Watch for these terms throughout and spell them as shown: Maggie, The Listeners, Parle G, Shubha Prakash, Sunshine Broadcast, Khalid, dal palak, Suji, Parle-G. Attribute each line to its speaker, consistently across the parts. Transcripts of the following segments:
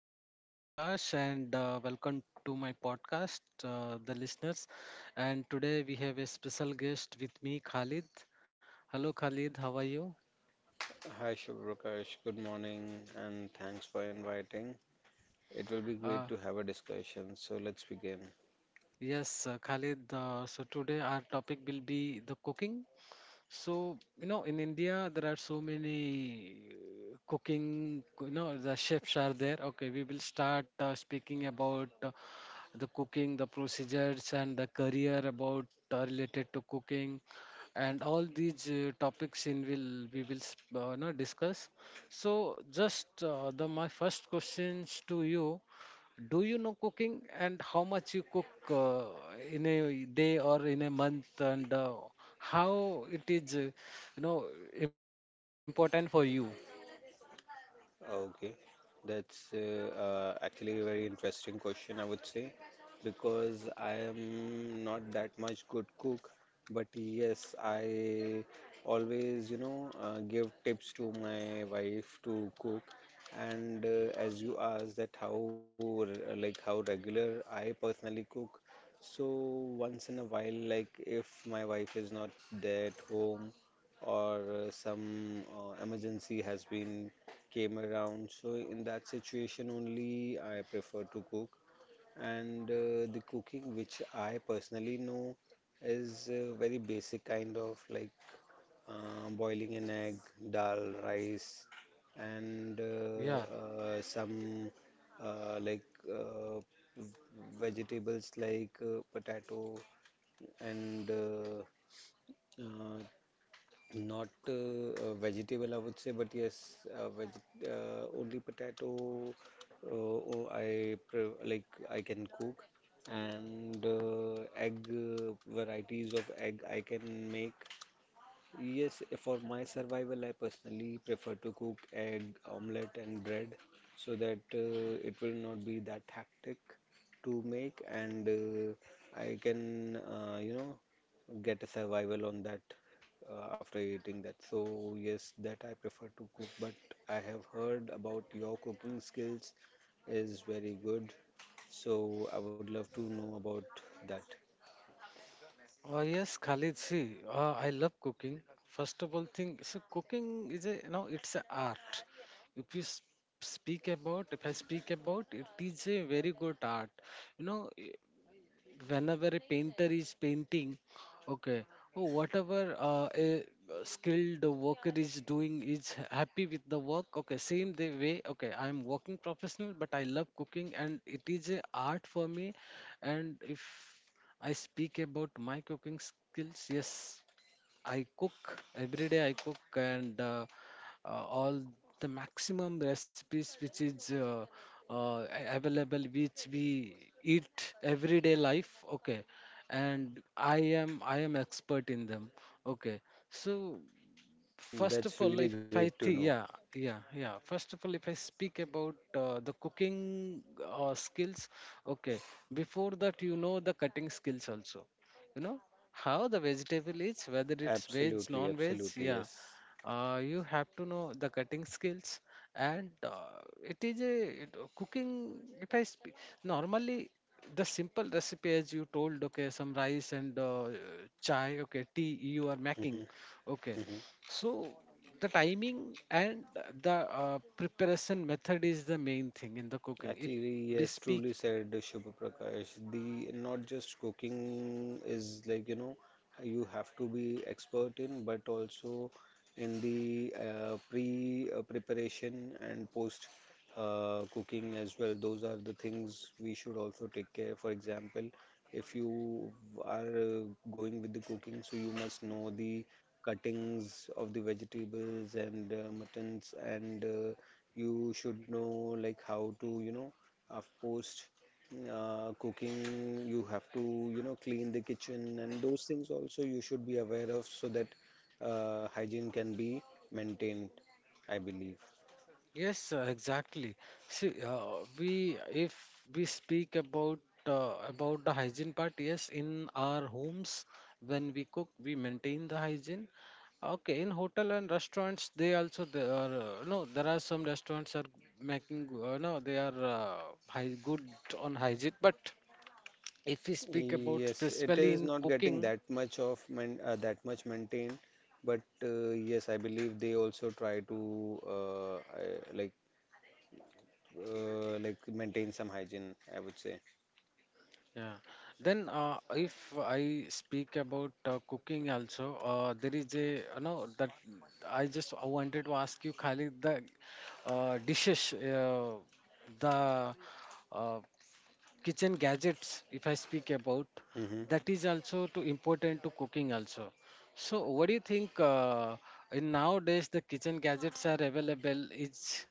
Speaker 1: This is Shubha Prakash, and welcome to my podcast, The Listeners. And today we have a special guest with me, Khalid. Hello, Khalid. How are you?
Speaker 2: Hi Shubhrakash, good morning and thanks for inviting. It will be
Speaker 1: Uh,
Speaker 2: great to have a discussion, so let's begin.
Speaker 1: yes, Khalid. So today our topic will be the cooking. So, you know, in India, there are so many cooking, you know, the chefs are there. Okay, we will start speaking about the cooking, the procedures, and the career about related to cooking, and all these topics in will we will you discuss. So, just the my first questions to you, do you know cooking, and how much you cook in a day or in a month, and how it is, know, important for you?
Speaker 2: Okay, that's actually a very interesting question, I would say, because I am not that much good cook, but yes, I always, give tips to my wife to cook. And as you asked that how, like how regular I personally cook, so once in a while, like if my wife is not there at home or some emergency has been came around. So in that situation only I prefer to cook. And the cooking which I personally know is very basic kind of like boiling an egg, dal, rice, and
Speaker 1: Yeah.
Speaker 2: some like uh, vegetables like potato and uh, not a vegetable, I would say, but yes, veg only potato. Uh, oh, like I can cook, and egg varieties of egg I can make. Yes, for my survival, I personally prefer to cook egg, omelette, and bread so that it will not be that hectic to make, and I can, get a survival on that after eating that. So, yes, that I prefer to cook, but I have heard about your cooking skills is very good, so I would love to know about that.
Speaker 1: Yes, Khalid. See, I love cooking. First of all, thing so cooking is a, you know, it's an art. If you s- Speak about, if I speak about, it is a very good art. You know, whenever a painter is painting, okay, oh, whatever a skilled worker is doing is happy with the work. Okay, same the way. Okay, I am working professional, but I love cooking, and it is a art for me. And if I speak about my cooking skills, yes, I cook every day. I cook and all the maximum recipes which is available, which we eat everyday life. Okay, and I am expert in them. Okay, so
Speaker 2: Mm,
Speaker 1: first
Speaker 2: that's
Speaker 1: of all,
Speaker 2: really
Speaker 1: if I
Speaker 2: great to
Speaker 1: think,
Speaker 2: know.
Speaker 1: Yeah yeah, first of all, if I speak about the cooking skills, okay, before that, you know, the cutting skills also, you know, how the vegetable is, whether it's veg
Speaker 2: Absolutely,
Speaker 1: non veg,
Speaker 2: absolutely,
Speaker 1: yeah.
Speaker 2: yes.
Speaker 1: You have to know the cutting skills, and it is a, cooking, if I speak normally, the simple recipe as you told, okay, some rice and chai, okay, tea you are
Speaker 2: Mhm.
Speaker 1: making. Okay, so the timing and the preparation method is the main thing in the cooking. If
Speaker 2: Actually,
Speaker 1: we
Speaker 2: yes,
Speaker 1: speak,
Speaker 2: truly said Shubha Prakash. The not just cooking is like, you know, you have to be expert in, but also in the preparation and post cooking as well. Those are the things we should also take care. For example, if you are going with the cooking, so you must know the cuttings of the vegetables and muttons and you should know like how to, you know, post cooking you have to, you know, clean the kitchen, and those things also you should be aware of so that hygiene can be maintained, I believe.
Speaker 1: yes, exactly. See, we if we speak about the hygiene part, yes, in our homes when we cook, we maintain the hygiene. Okay, in hotel and restaurants, they also there are no. There are some restaurants are making no. They are high, good on hygiene, but if we speak about
Speaker 2: Yes, it
Speaker 1: specifically
Speaker 2: is
Speaker 1: in
Speaker 2: not getting
Speaker 1: cooking,
Speaker 2: that much of man, that much maintained, but yes, I believe they also try to like maintain some hygiene, I would say.
Speaker 1: yeah, then if I speak about cooking also, there is a, you know, that I just wanted to ask you, Khalid, the dishes, the uh, kitchen gadgets, if I speak about,
Speaker 2: Hmm.
Speaker 1: that is also too important to cooking also. So what do you think, in nowadays the kitchen gadgets are available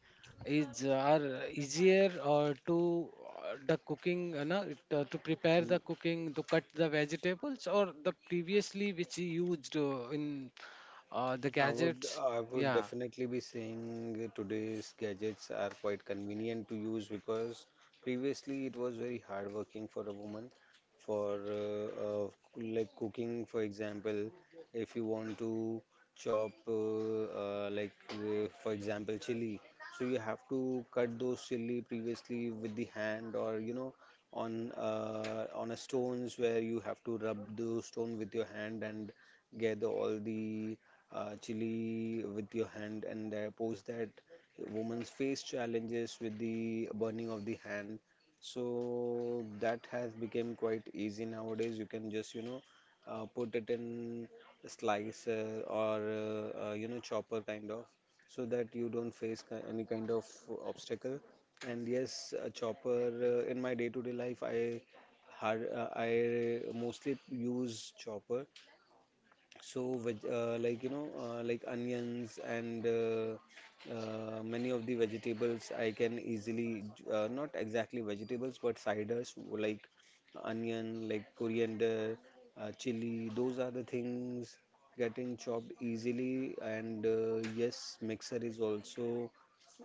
Speaker 1: is are easier or to the cooking, you know it, to prepare the cooking, to cut the vegetables, or the previously which you used in the gadgets.
Speaker 2: I would
Speaker 1: Yeah.
Speaker 2: definitely be saying today's gadgets are quite convenient to use because previously it was very hard working for a woman for like cooking. For example, if you want to chop like for example chili, so you have to cut those chili previously with the hand, or you know, on a stones where you have to rub the stone with your hand and gather all the chili with your hand, and post that, women's face challenges with the burning of the hand. So that has become quite easy nowadays. You can just, you know, put it in a slicer or you know, chopper kind of, so that you don't face any kind of obstacle. And yes, a chopper in my day-to-day life, I I mostly use chopper, so, like you know, like onions and many of the vegetables, I can easily not exactly vegetables, but ciders like onion, like coriander, chili. Those are the things getting chopped easily. And yes, mixer is also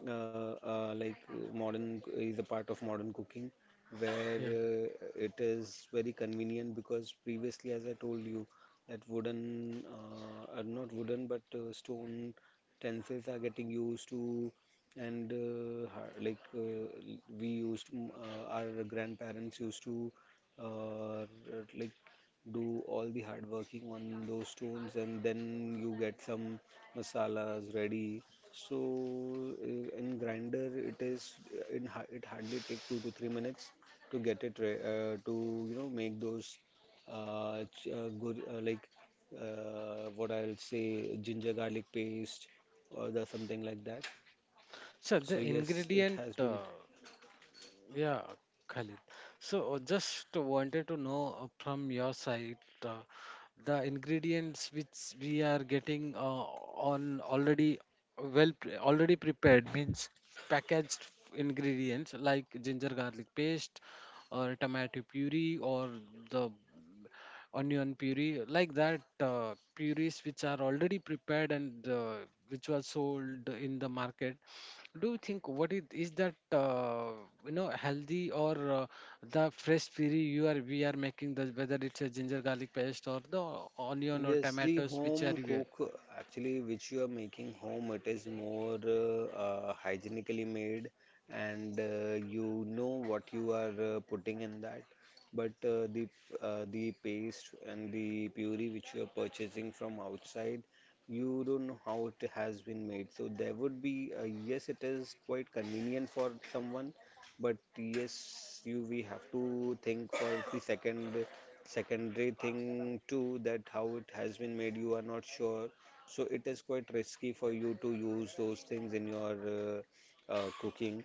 Speaker 2: uh, like modern is a part of modern cooking where
Speaker 1: Yeah,
Speaker 2: it is very convenient because previously, as I told you, that wooden are not wooden but stone utensils are getting used to, and like we used to, our grandparents used to uh, like do all the hard working on those stones, and then you get some masalas ready. So in grinder it is it hardly take 2 to 3 minutes to get it to you know make those ch- gur like what I'll say ginger garlic paste or the something like that.
Speaker 1: so
Speaker 2: So
Speaker 1: the
Speaker 2: yes, it
Speaker 1: ingredient
Speaker 2: has been.
Speaker 1: yeah, Khalid. So just wanted to know from your side uh, the ingredients which we are getting on already already prepared means packaged ingredients like ginger garlic paste or tomato puree or the onion puree, like that purees which are already prepared and which was sold in the market. Do you think what is that you know, healthy, or the fresh puri you are we are making the whether it's a ginger garlic paste or the onion or
Speaker 2: Yes, the
Speaker 1: tomatoes which are
Speaker 2: home
Speaker 1: we.
Speaker 2: cook actually which you are making home, it is more hygienically made, and you know what you are putting in that. But the paste and the puree which you are purchasing from outside, you don't know how it has been made. So there would be yes, it is quite convenient for someone, but yes, you we have to think for the secondary thing too, that how it has been made you are not sure. So it is quite risky for you to use those things in your cooking.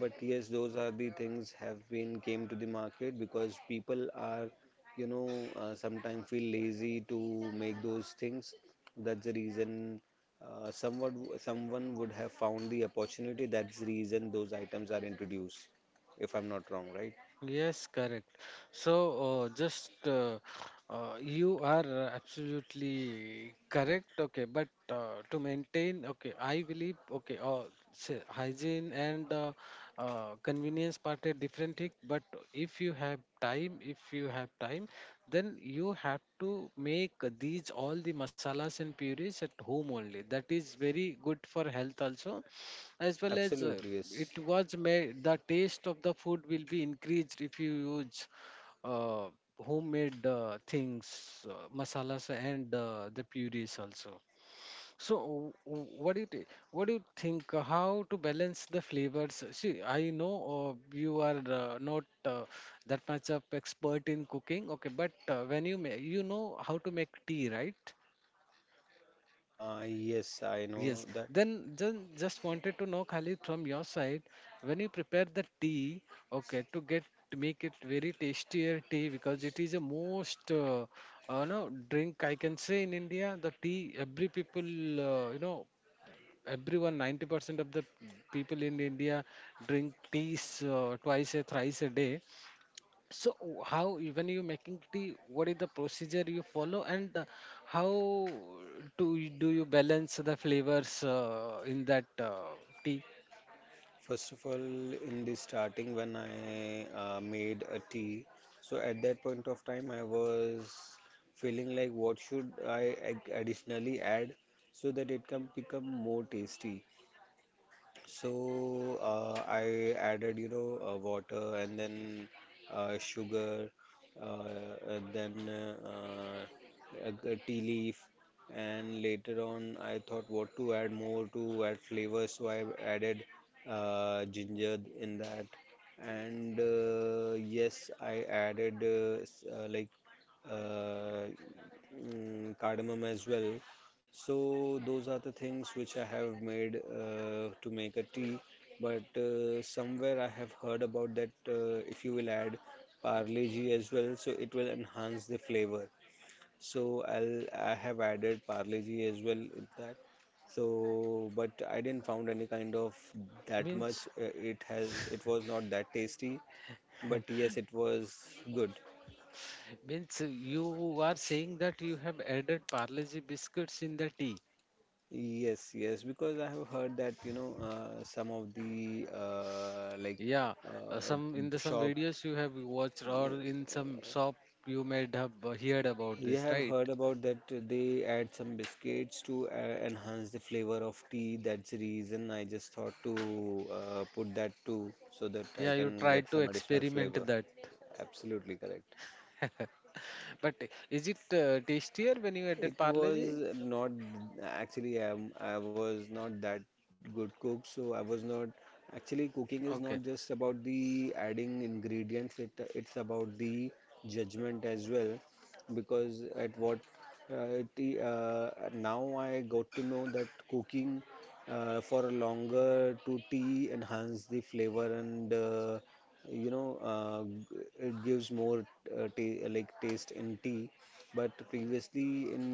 Speaker 2: But yes, those are the things have been came to the market because people are, you know, sometimes feel lazy to make those things. That's the reason somewhat someone would have found the opportunity. That's the reason those items are introduced, if I'm not wrong, right?
Speaker 1: Yes, correct. So, just you are absolutely correct. Okay, but to maintain, okay, I believe, okay, say hygiene and convenience part are different thing. But if you have time, then you have to make these all the masalas and purees at home only. That is very good for health also, as well as
Speaker 2: Absolutely yes.
Speaker 1: it was made the taste of the food will be increased if you use uh, homemade things, masalas, and the purees also. So what do you think, how to balance the flavors? See, I know you are not that much of expert in cooking, okay, but when you you know how to make tea, right?
Speaker 2: Yes, I know
Speaker 1: Yes.
Speaker 2: that.
Speaker 1: Then just wanted to know, Khalid, from your side, when you prepare the tea, okay, to get to make it very tastier tea, because it is a most no drink I can say, in India the tea every people you know, everyone 90% of the people in India drink teas twice a thrice a day. So how you, when you making tea, what is the procedure you follow, and how do you balance the flavors in that tea?
Speaker 2: First of all, in the starting, when I made a tea, so at that point of time, I was feeling like what should I additionally add so that it can become more tasty. So I added, you know, water, and then sugar, uh, and then a tea leaf, and later on I thought what to add more to add flavor, so I added ginger in that, and yes, I added like uh, cardamom as well. So those are the things which I have made to make a tea. But somewhere I have heard about that if you will add Parle G as well, so it will enhance the flavor. So I have added Parle G as well in that. So but I didn't found any kind of that
Speaker 1: Means
Speaker 2: much. It has it was not that tasty, but yes, it was good.
Speaker 1: means you are saying that you have added Parle-G biscuits in the tea.
Speaker 2: Yes, yes, because I have heard that, you know, some of the like
Speaker 1: Yeah, some in the some
Speaker 2: shop.
Speaker 1: videos you have watched
Speaker 2: Uh,
Speaker 1: or in some shop you may have heard about
Speaker 2: you
Speaker 1: this,
Speaker 2: have
Speaker 1: right?
Speaker 2: heard about that they add some biscuits to enhance the flavor of tea. That's the reason I just thought to put that too, so that I
Speaker 1: Yeah, you
Speaker 2: can get
Speaker 1: tried to
Speaker 2: some additional
Speaker 1: experiment
Speaker 2: flavor.
Speaker 1: that,
Speaker 2: Absolutely correct.
Speaker 1: but is it tastier when you added
Speaker 2: It was
Speaker 1: Parle-G?
Speaker 2: not, actually, I was not that good cook, so I was not, actually cooking is
Speaker 1: Okay,
Speaker 2: not just about the adding ingredients, it's about the judgment as well. Because at what t now I got to know that cooking for a longer to tea enhance the flavor, and you know, it gives more ta like taste in tea. But previously in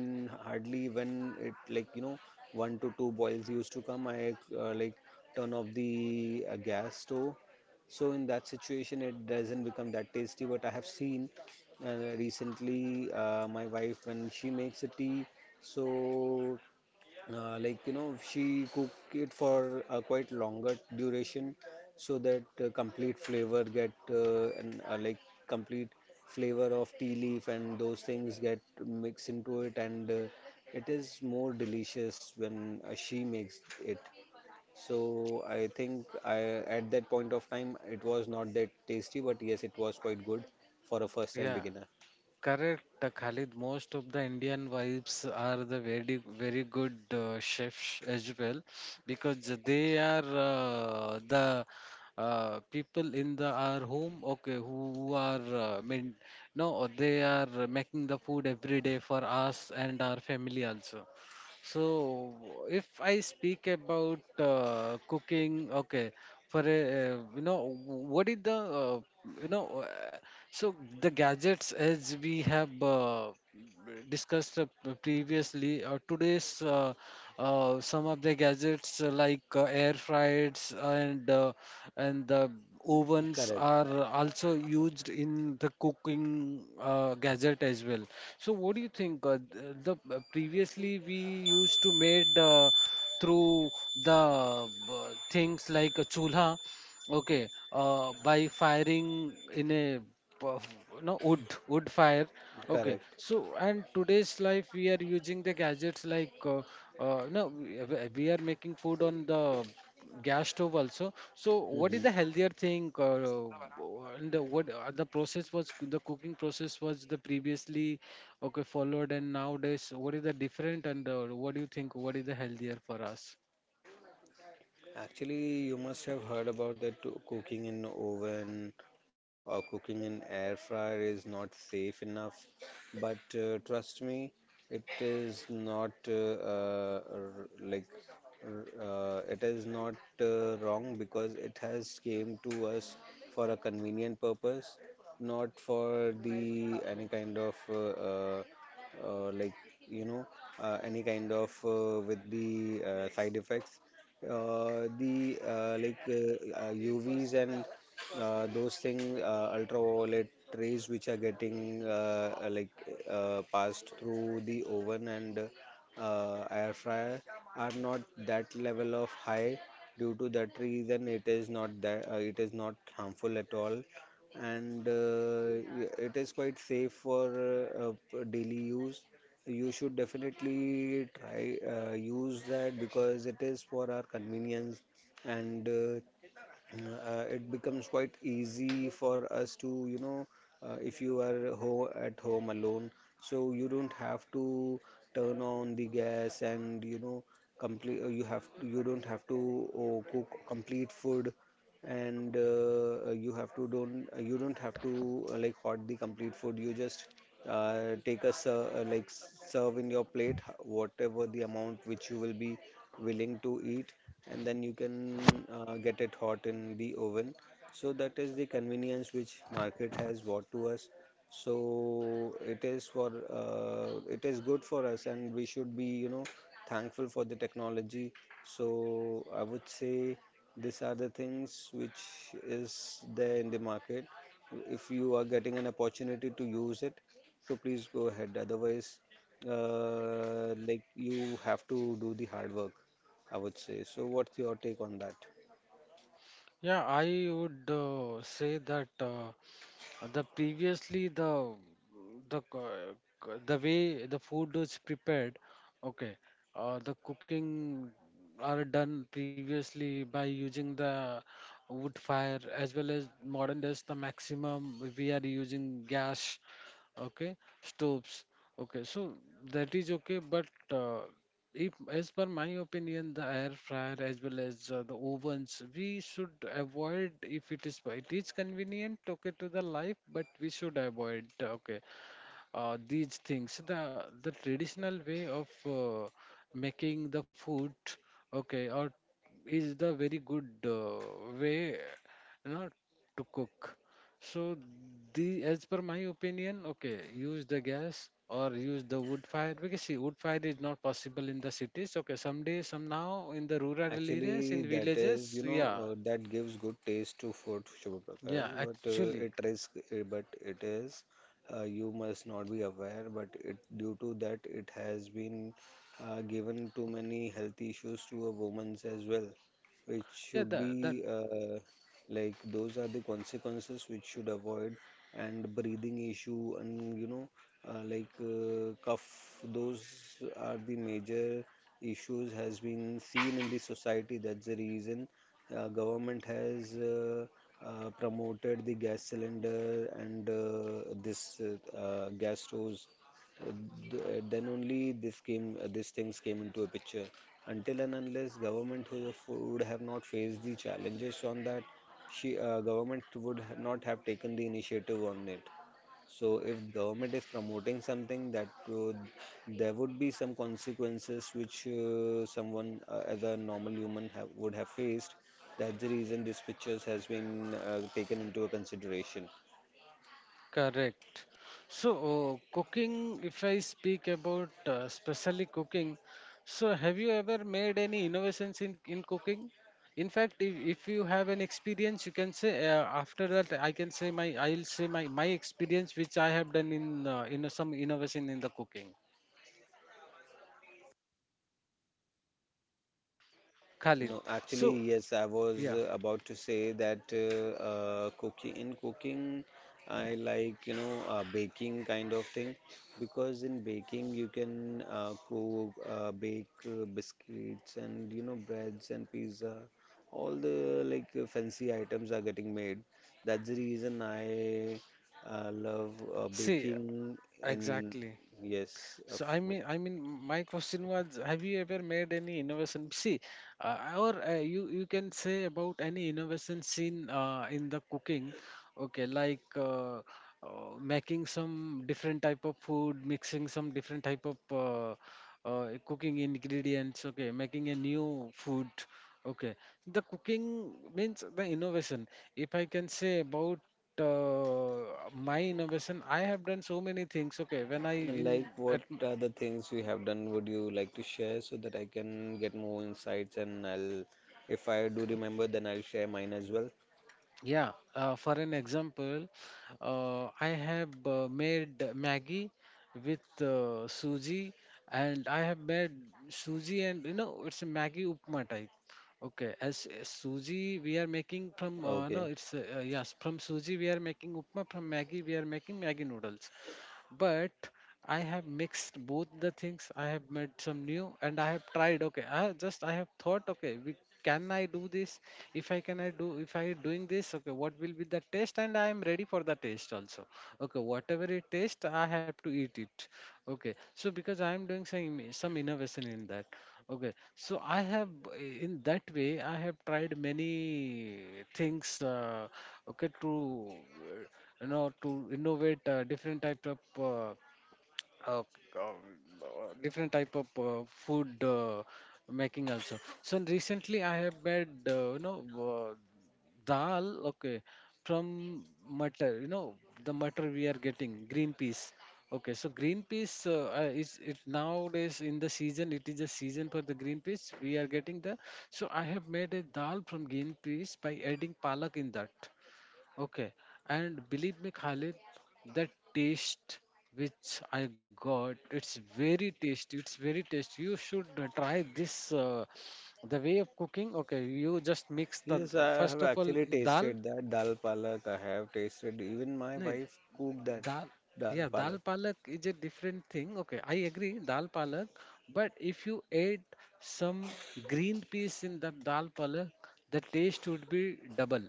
Speaker 2: hardly when it, like you know, one to two boils used to come, I like turn off the gas stove. So in that situation it doesn't become that tasty. But I have seen recently my wife when she makes a tea, so like you know, she cook it for a quite longer duration, so that complete flavor get and like complete flavor of tea leaf and those things get mixed into it, and it is more delicious when she makes it. So I think I at that point of time it was not that tasty, but yes, it was quite good for a first time
Speaker 1: yeah.
Speaker 2: beginner.
Speaker 1: Correct, Khalid. Most of the Indian wives are the very good chefs as well, because they are the people in the our home. Okay, who are mean? No, they are making the food every day for us and our family also. So, if I speak about cooking, okay, for a, what is the, you know, uh, so the gadgets as we have discussed previously, or today's some of the gadgets like air fryers and the ovens
Speaker 2: Correct,
Speaker 1: are also used in the cooking gadget as well. So what do you think? The previously we used to made through the things like a chulha, okay, by firing in a uh, no wood fire. Okay,
Speaker 2: correct.
Speaker 1: so and today's life we are using the gadgets like no, we, we are making food on the gas stove also. So what
Speaker 2: Hmm.
Speaker 1: is the healthier thing, and the, what the process was, the cooking process was the previously, okay, followed, and nowadays what is the different, and what do you think, what is the healthier for us?
Speaker 2: Actually, you must have heard about that too. Cooking in oven or cooking in air fryer is not safe enough. But trust me, it is not like r- it is not wrong because it has came to us for a convenient purpose, not for the any kind of like you know any kind of with the side effects. The like UVs and those things, ultraviolet rays which are getting like passed through the oven and air fryer are not that level of high. Due to that reason, it is not that it is not harmful at all, and y- it is quite safe for daily use. You should definitely try use that because it is for our convenience, and it becomes quite easy for us to, you know, if you are ho at home alone, so you don't have to turn on the gas and, you know, complete, you have, you don't have to cook complete food, and you have to don't, you don't have to like hot the complete food. You just take a like serve in your plate whatever the amount which you will be willing to eat, and then you can get it hot in the oven. So that is the convenience which market has brought to us. So it is for it is good for us, and we should be thankful for the technology. So I would say these are the things which is there in the market. If you are getting an opportunity to use it, so please go ahead. Otherwise, like you have to do the hard work. I would say. So, what's your take on that?
Speaker 1: Yeah, I would say that. The previously the the way the food is prepared, okay, the cooking are done previously by using the wood fire, as well as modern days the maximum we are using gas, okay, stoves, okay, so that is okay, but uh, if as per my opinion the air fryer as well as the ovens we should avoid. If it is it is convenient, okay, to the life, but we should avoid, okay, these things, the traditional way of making the food, okay, or is the very good way, you know, to cook. So the as per my opinion, okay, use the gas or use the wood fire, because see, wood fire is not possible in the cities, okay, someday some now in the rural areas,
Speaker 2: Actually,
Speaker 1: in
Speaker 2: that
Speaker 1: villages,
Speaker 2: is, you know,
Speaker 1: yeah.
Speaker 2: that gives good taste to food, Shubha
Speaker 1: Yeah,
Speaker 2: Prakash, but
Speaker 1: actually,
Speaker 2: it risk, but it is, you must not be aware, but it due to that, it has been given too many health issues to a woman's as well. Which
Speaker 1: yeah,
Speaker 2: should
Speaker 1: the
Speaker 2: be like those are the consequences which should avoid and breathing issue and like cough those are the major issues has been seen in the society, that's the reason government has promoted the gas cylinder and this gas stoves uh, then only this came these things came into a picture until and unless government who would have not faced the challenges on that, she government would not have taken the initiative on it. So if government is promoting something, that uh, there would be some consequences which someone as a normal human have, would have faced. That's the reason these pictures has been taken into a consideration.
Speaker 1: correct. So, cooking, if I speak about especially cooking, so have you ever made any innovations in cooking? In fact, if you have an experience, you can say after that I can say my, I'll say my experience which I have done in some innovation in the cooking. Khalid.
Speaker 2: No, actually,
Speaker 1: So
Speaker 2: yes, I was
Speaker 1: yeah,
Speaker 2: about to say that cooking in cooking, I like, you know, baking kind of thing because in baking you can bake biscuits and, you know, breads and pizza. All the like fancy items are getting made. That's the reason I love
Speaker 1: see
Speaker 2: baking in,
Speaker 1: exactly.
Speaker 2: yes, of.
Speaker 1: So I mean, my question was: have you ever made any innovation? See, or you you can say about any innovation seen in the cooking. Okay, like making some different type of food, mixing some different type of cooking ingredients. Okay, making a new food. Okay, the cooking means the innovation. If I can say about my innovation, I have done so many things, okay, when I in
Speaker 2: Like
Speaker 1: at.
Speaker 2: what are the things you have done, would you like to share so that I can get more insights, and I'll if I do remember then I'll share mine as well.
Speaker 1: Yeah, for an example, I have made Maggie with Suji, and I have made Suji, and you know it's a Maggie upma type. Okay, as Suji we are making from no,
Speaker 2: Okay.
Speaker 1: it's yes, from Suji we are making upma, from Maggie we are making Maggie noodles, but I have mixed both the things. I have made some new and I have tried. Okay, I have just I have thought. Okay, we, can I do this? If I can, I do. If I doing this, okay, what will be the taste? And I am ready for the taste also. Okay, whatever it taste, I have to eat it. Okay, so because I am doing some innovation in that. Okay, so I have in that way I have tried many things. Okay, to to innovate uh, different type of food making also. So recently I have made dal, okay, from matar, the matar, we are getting green peas. Okay, so green peas, is it nowadays in the season? It is a season for the green peas, we are getting the— so I have made a dal from green peas by adding palak in that. Okay, and believe me, Khalid, the taste which I got, it's very tasty. It's very tasty. You should try this. The way of cooking. Okay, you just mix the—
Speaker 2: Yes, I have
Speaker 1: first of all,
Speaker 2: actually
Speaker 1: dal.
Speaker 2: tasted that dal palak. I have tasted even my
Speaker 1: No,
Speaker 2: wife cooked that
Speaker 1: dal.
Speaker 2: dal
Speaker 1: Yeah, dal
Speaker 2: palak.
Speaker 1: palak is a different thing. Okay, I agree, dal palak. But if you add some green peas in the dal palak, the taste would be double.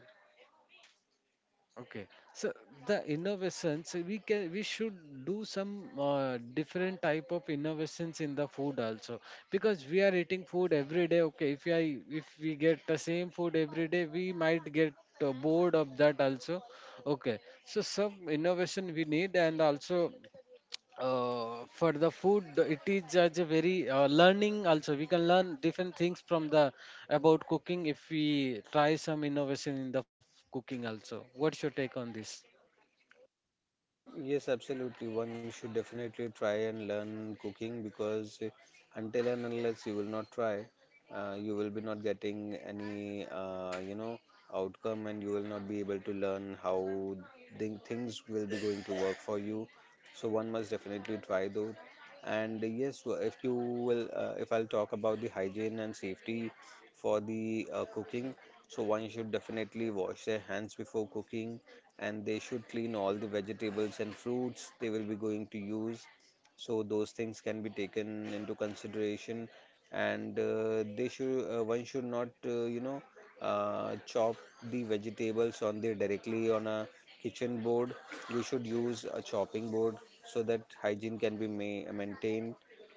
Speaker 1: Okay, so the innovations we should do some different type of innovations in the food also, because we are eating food every day. Okay, if we get the same food every day, we might get bored of that also. Okay, so some innovation we need, and also for the food, it is just a very learning also. We can learn different things from the— about cooking, if we try some innovation in the cooking also. What's your take on this?
Speaker 2: Yes, absolutely. One should definitely try and learn cooking because until and unless you will not try, you will be not getting any, you know, outcome, and you will not be able to learn how the things will be going to work for you. So one must definitely try though. And yes, if you will, if I'll talk about the hygiene and safety for the cooking, so one should definitely wash their hands before cooking, and they should clean all the vegetables and fruits they will be going to use, so those things can be taken into consideration. And they should one should not chop the vegetables on the directly on a kitchen board. You should use a chopping board so that hygiene can be maintained.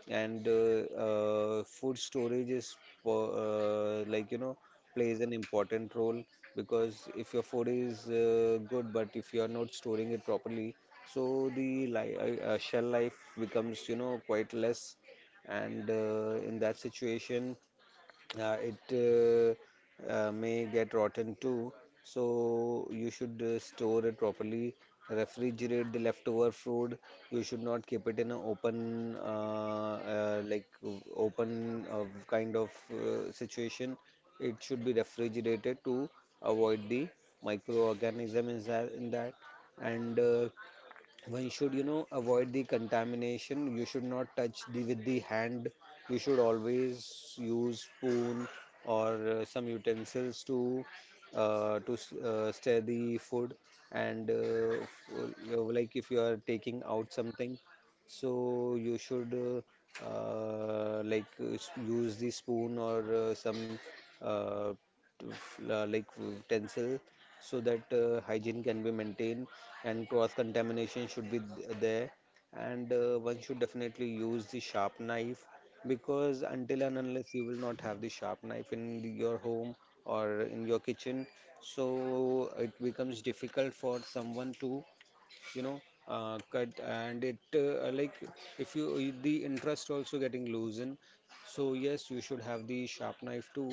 Speaker 2: And food storage is po- like you know plays an important role because if your food is good but if you are not storing it properly, so the shell life becomes you know quite less. And in that situation it may get rotten too. So you should store it properly. Refrigerate the leftover food. You should not keep it in an open, like open kind of situation. It should be refrigerated to avoid the microorganism inside in that. And one should you know avoid the contamination. You should not touch the with the hand, you should always use spoon or some utensils to stir the food. And like if you are taking out something, so you should like use the spoon or some uh, like utensil so that hygiene can be maintained and cross contamination should be there. And one should definitely use the sharp knife because until and unless you will not have the sharp knife in your home or in your kitchen, so it becomes difficult for someone to you know cut and it like if you the interest also getting loosen. So yes, you should have the sharp knife too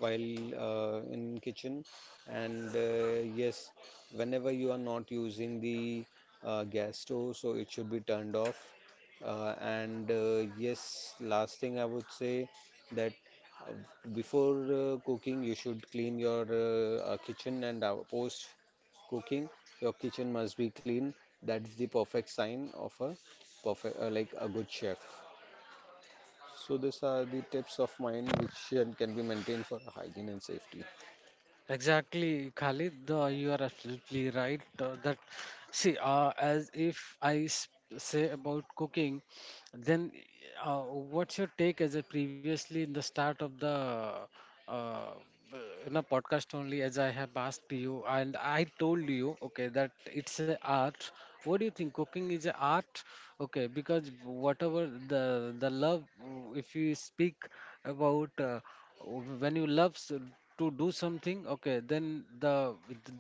Speaker 2: while in kitchen. And yes, whenever you are not using the gas stove, so it should be turned off. And yes, last thing I would say that uh, before cooking you should clean your kitchen, and post cooking, your kitchen must be clean. That's the perfect sign of a perfect, like a good chef. So these are the tips of mine which can be maintained for hygiene and safety.
Speaker 1: Exactly, Khalid. You are absolutely right. That, see, as if I s- say about cooking, then what's your take, as a previously in the start of the uh, uh, in a podcast only, as I have asked you and I told you, okay, that it's a art. What do you think? Cooking is a art, okay? Because whatever the love, if you speak about. When you love to do something, okay, then the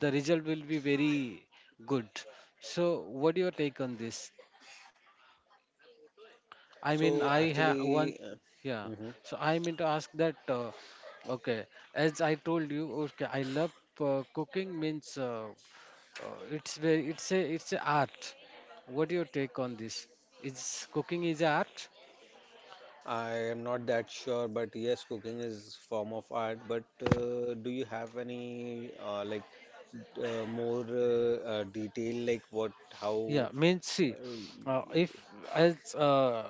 Speaker 1: the result will be very good. So what your take on this? I mean,
Speaker 2: So
Speaker 1: I have one.
Speaker 2: actually,
Speaker 1: Yeah,
Speaker 2: mhm,
Speaker 1: so I mean to ask that, okay, as I told you, okay, I love cooking. Means it's very, it's a, it's a art. What your take on this? Is cooking is a art?
Speaker 2: I am not that sure, but yes, cooking is form of art. But do you have any like more detail, like what, how?
Speaker 1: Yeah, means, see, if, as, uh,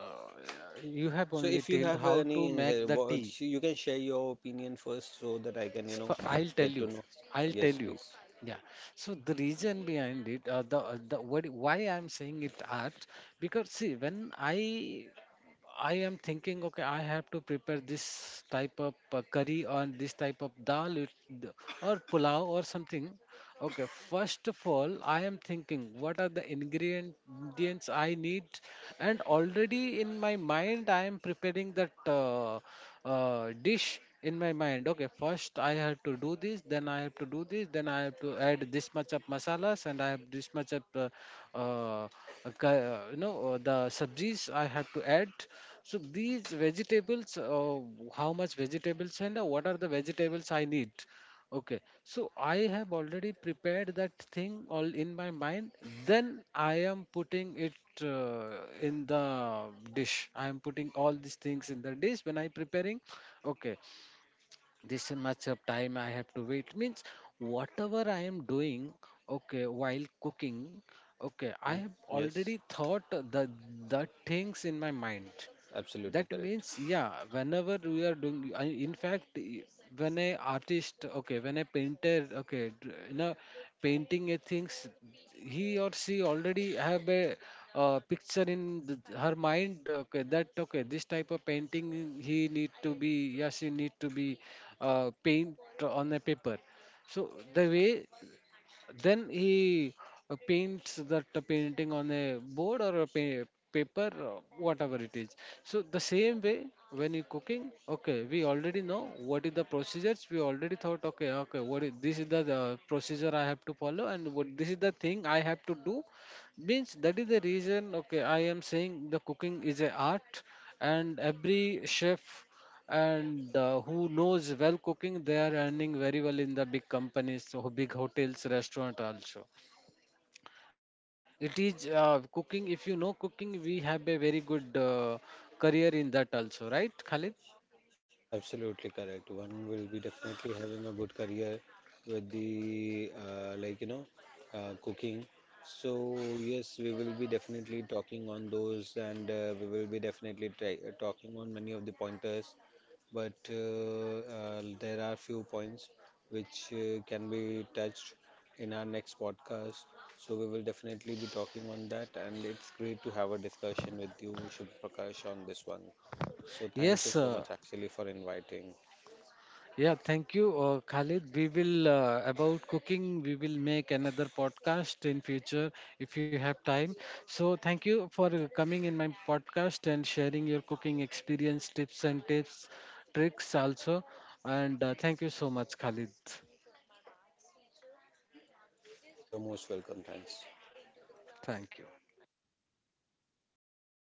Speaker 1: you have
Speaker 2: So
Speaker 1: only
Speaker 2: if you
Speaker 1: told
Speaker 2: have
Speaker 1: how
Speaker 2: any
Speaker 1: to make the tea.
Speaker 2: words, you can share your opinion first so that I can, you know,
Speaker 1: So I'll tell
Speaker 2: get to
Speaker 1: you.
Speaker 2: know.
Speaker 1: I'll tell
Speaker 2: Yes,
Speaker 1: you.
Speaker 2: please.
Speaker 1: Yeah. So the reason behind it, the what, why I'm saying it art, because see, when I am thinking, okay, I have to prepare this type of curry or this type of dal, or pulao or something. Okay, first of all, I am thinking what are the ingredients I need, and already in my mind, I am preparing that dish in my mind. Okay, first I have to do this, then I have to do this, then I have to add this much of masalas, and I have this much of uh, the sabjis I have to add. So these vegetables, how much vegetables, and what are the vegetables I need? Okay, so I have already prepared that thing all in my mind. Then I am putting it in the dish. I am putting all these things in the dish when I preparing. Okay, this much of time I have to wait, means whatever I am doing. Okay, while cooking. Okay, I
Speaker 2: Hmm.
Speaker 1: have
Speaker 2: Yes,
Speaker 1: already thought the things in my mind.
Speaker 2: absolutely
Speaker 1: That
Speaker 2: correct.
Speaker 1: means, yeah, whenever we are doing— when a artist, okay, when a painter, okay, painting a things, he or she already have a picture in her mind, okay, that okay, this type of painting he need to be yeah she need to be paint on a paper. So the way, then he paints that painting on a board or a paper, whatever it is. So the same way when you cooking, okay, we already know what is the procedures. We already thought, okay, okay, what is, this is the procedure I have to follow, and what this is the thing I have to do. Means that is the reason. Okay, I am saying the cooking is a art, and every chef, and who knows well cooking, they are earning very well in the big companies, so big hotels, restaurant also. It is cooking. If you know cooking, we have a very good career in that also, right, Khalid?
Speaker 2: Absolutely correct. One will be definitely having a good career with the like you know cooking. So yes, we will be definitely talking on those, and we will be definitely try talking on many of the pointers. But there are few points which can be touched in our next podcast. So we will definitely be talking on that, and it's great to have a discussion with you, Shubh Prakash, on this one. So
Speaker 1: Yes,
Speaker 2: thank you so
Speaker 1: sir.
Speaker 2: much actually for inviting.
Speaker 1: Yeah, thank you, Khalid. We will about cooking. We will make another podcast in future if you have time. So thank you for coming in my podcast and sharing your cooking experience, tips, tricks also. And thank you so much, Khalid.
Speaker 2: You're most welcome. Thanks.
Speaker 1: Thank you.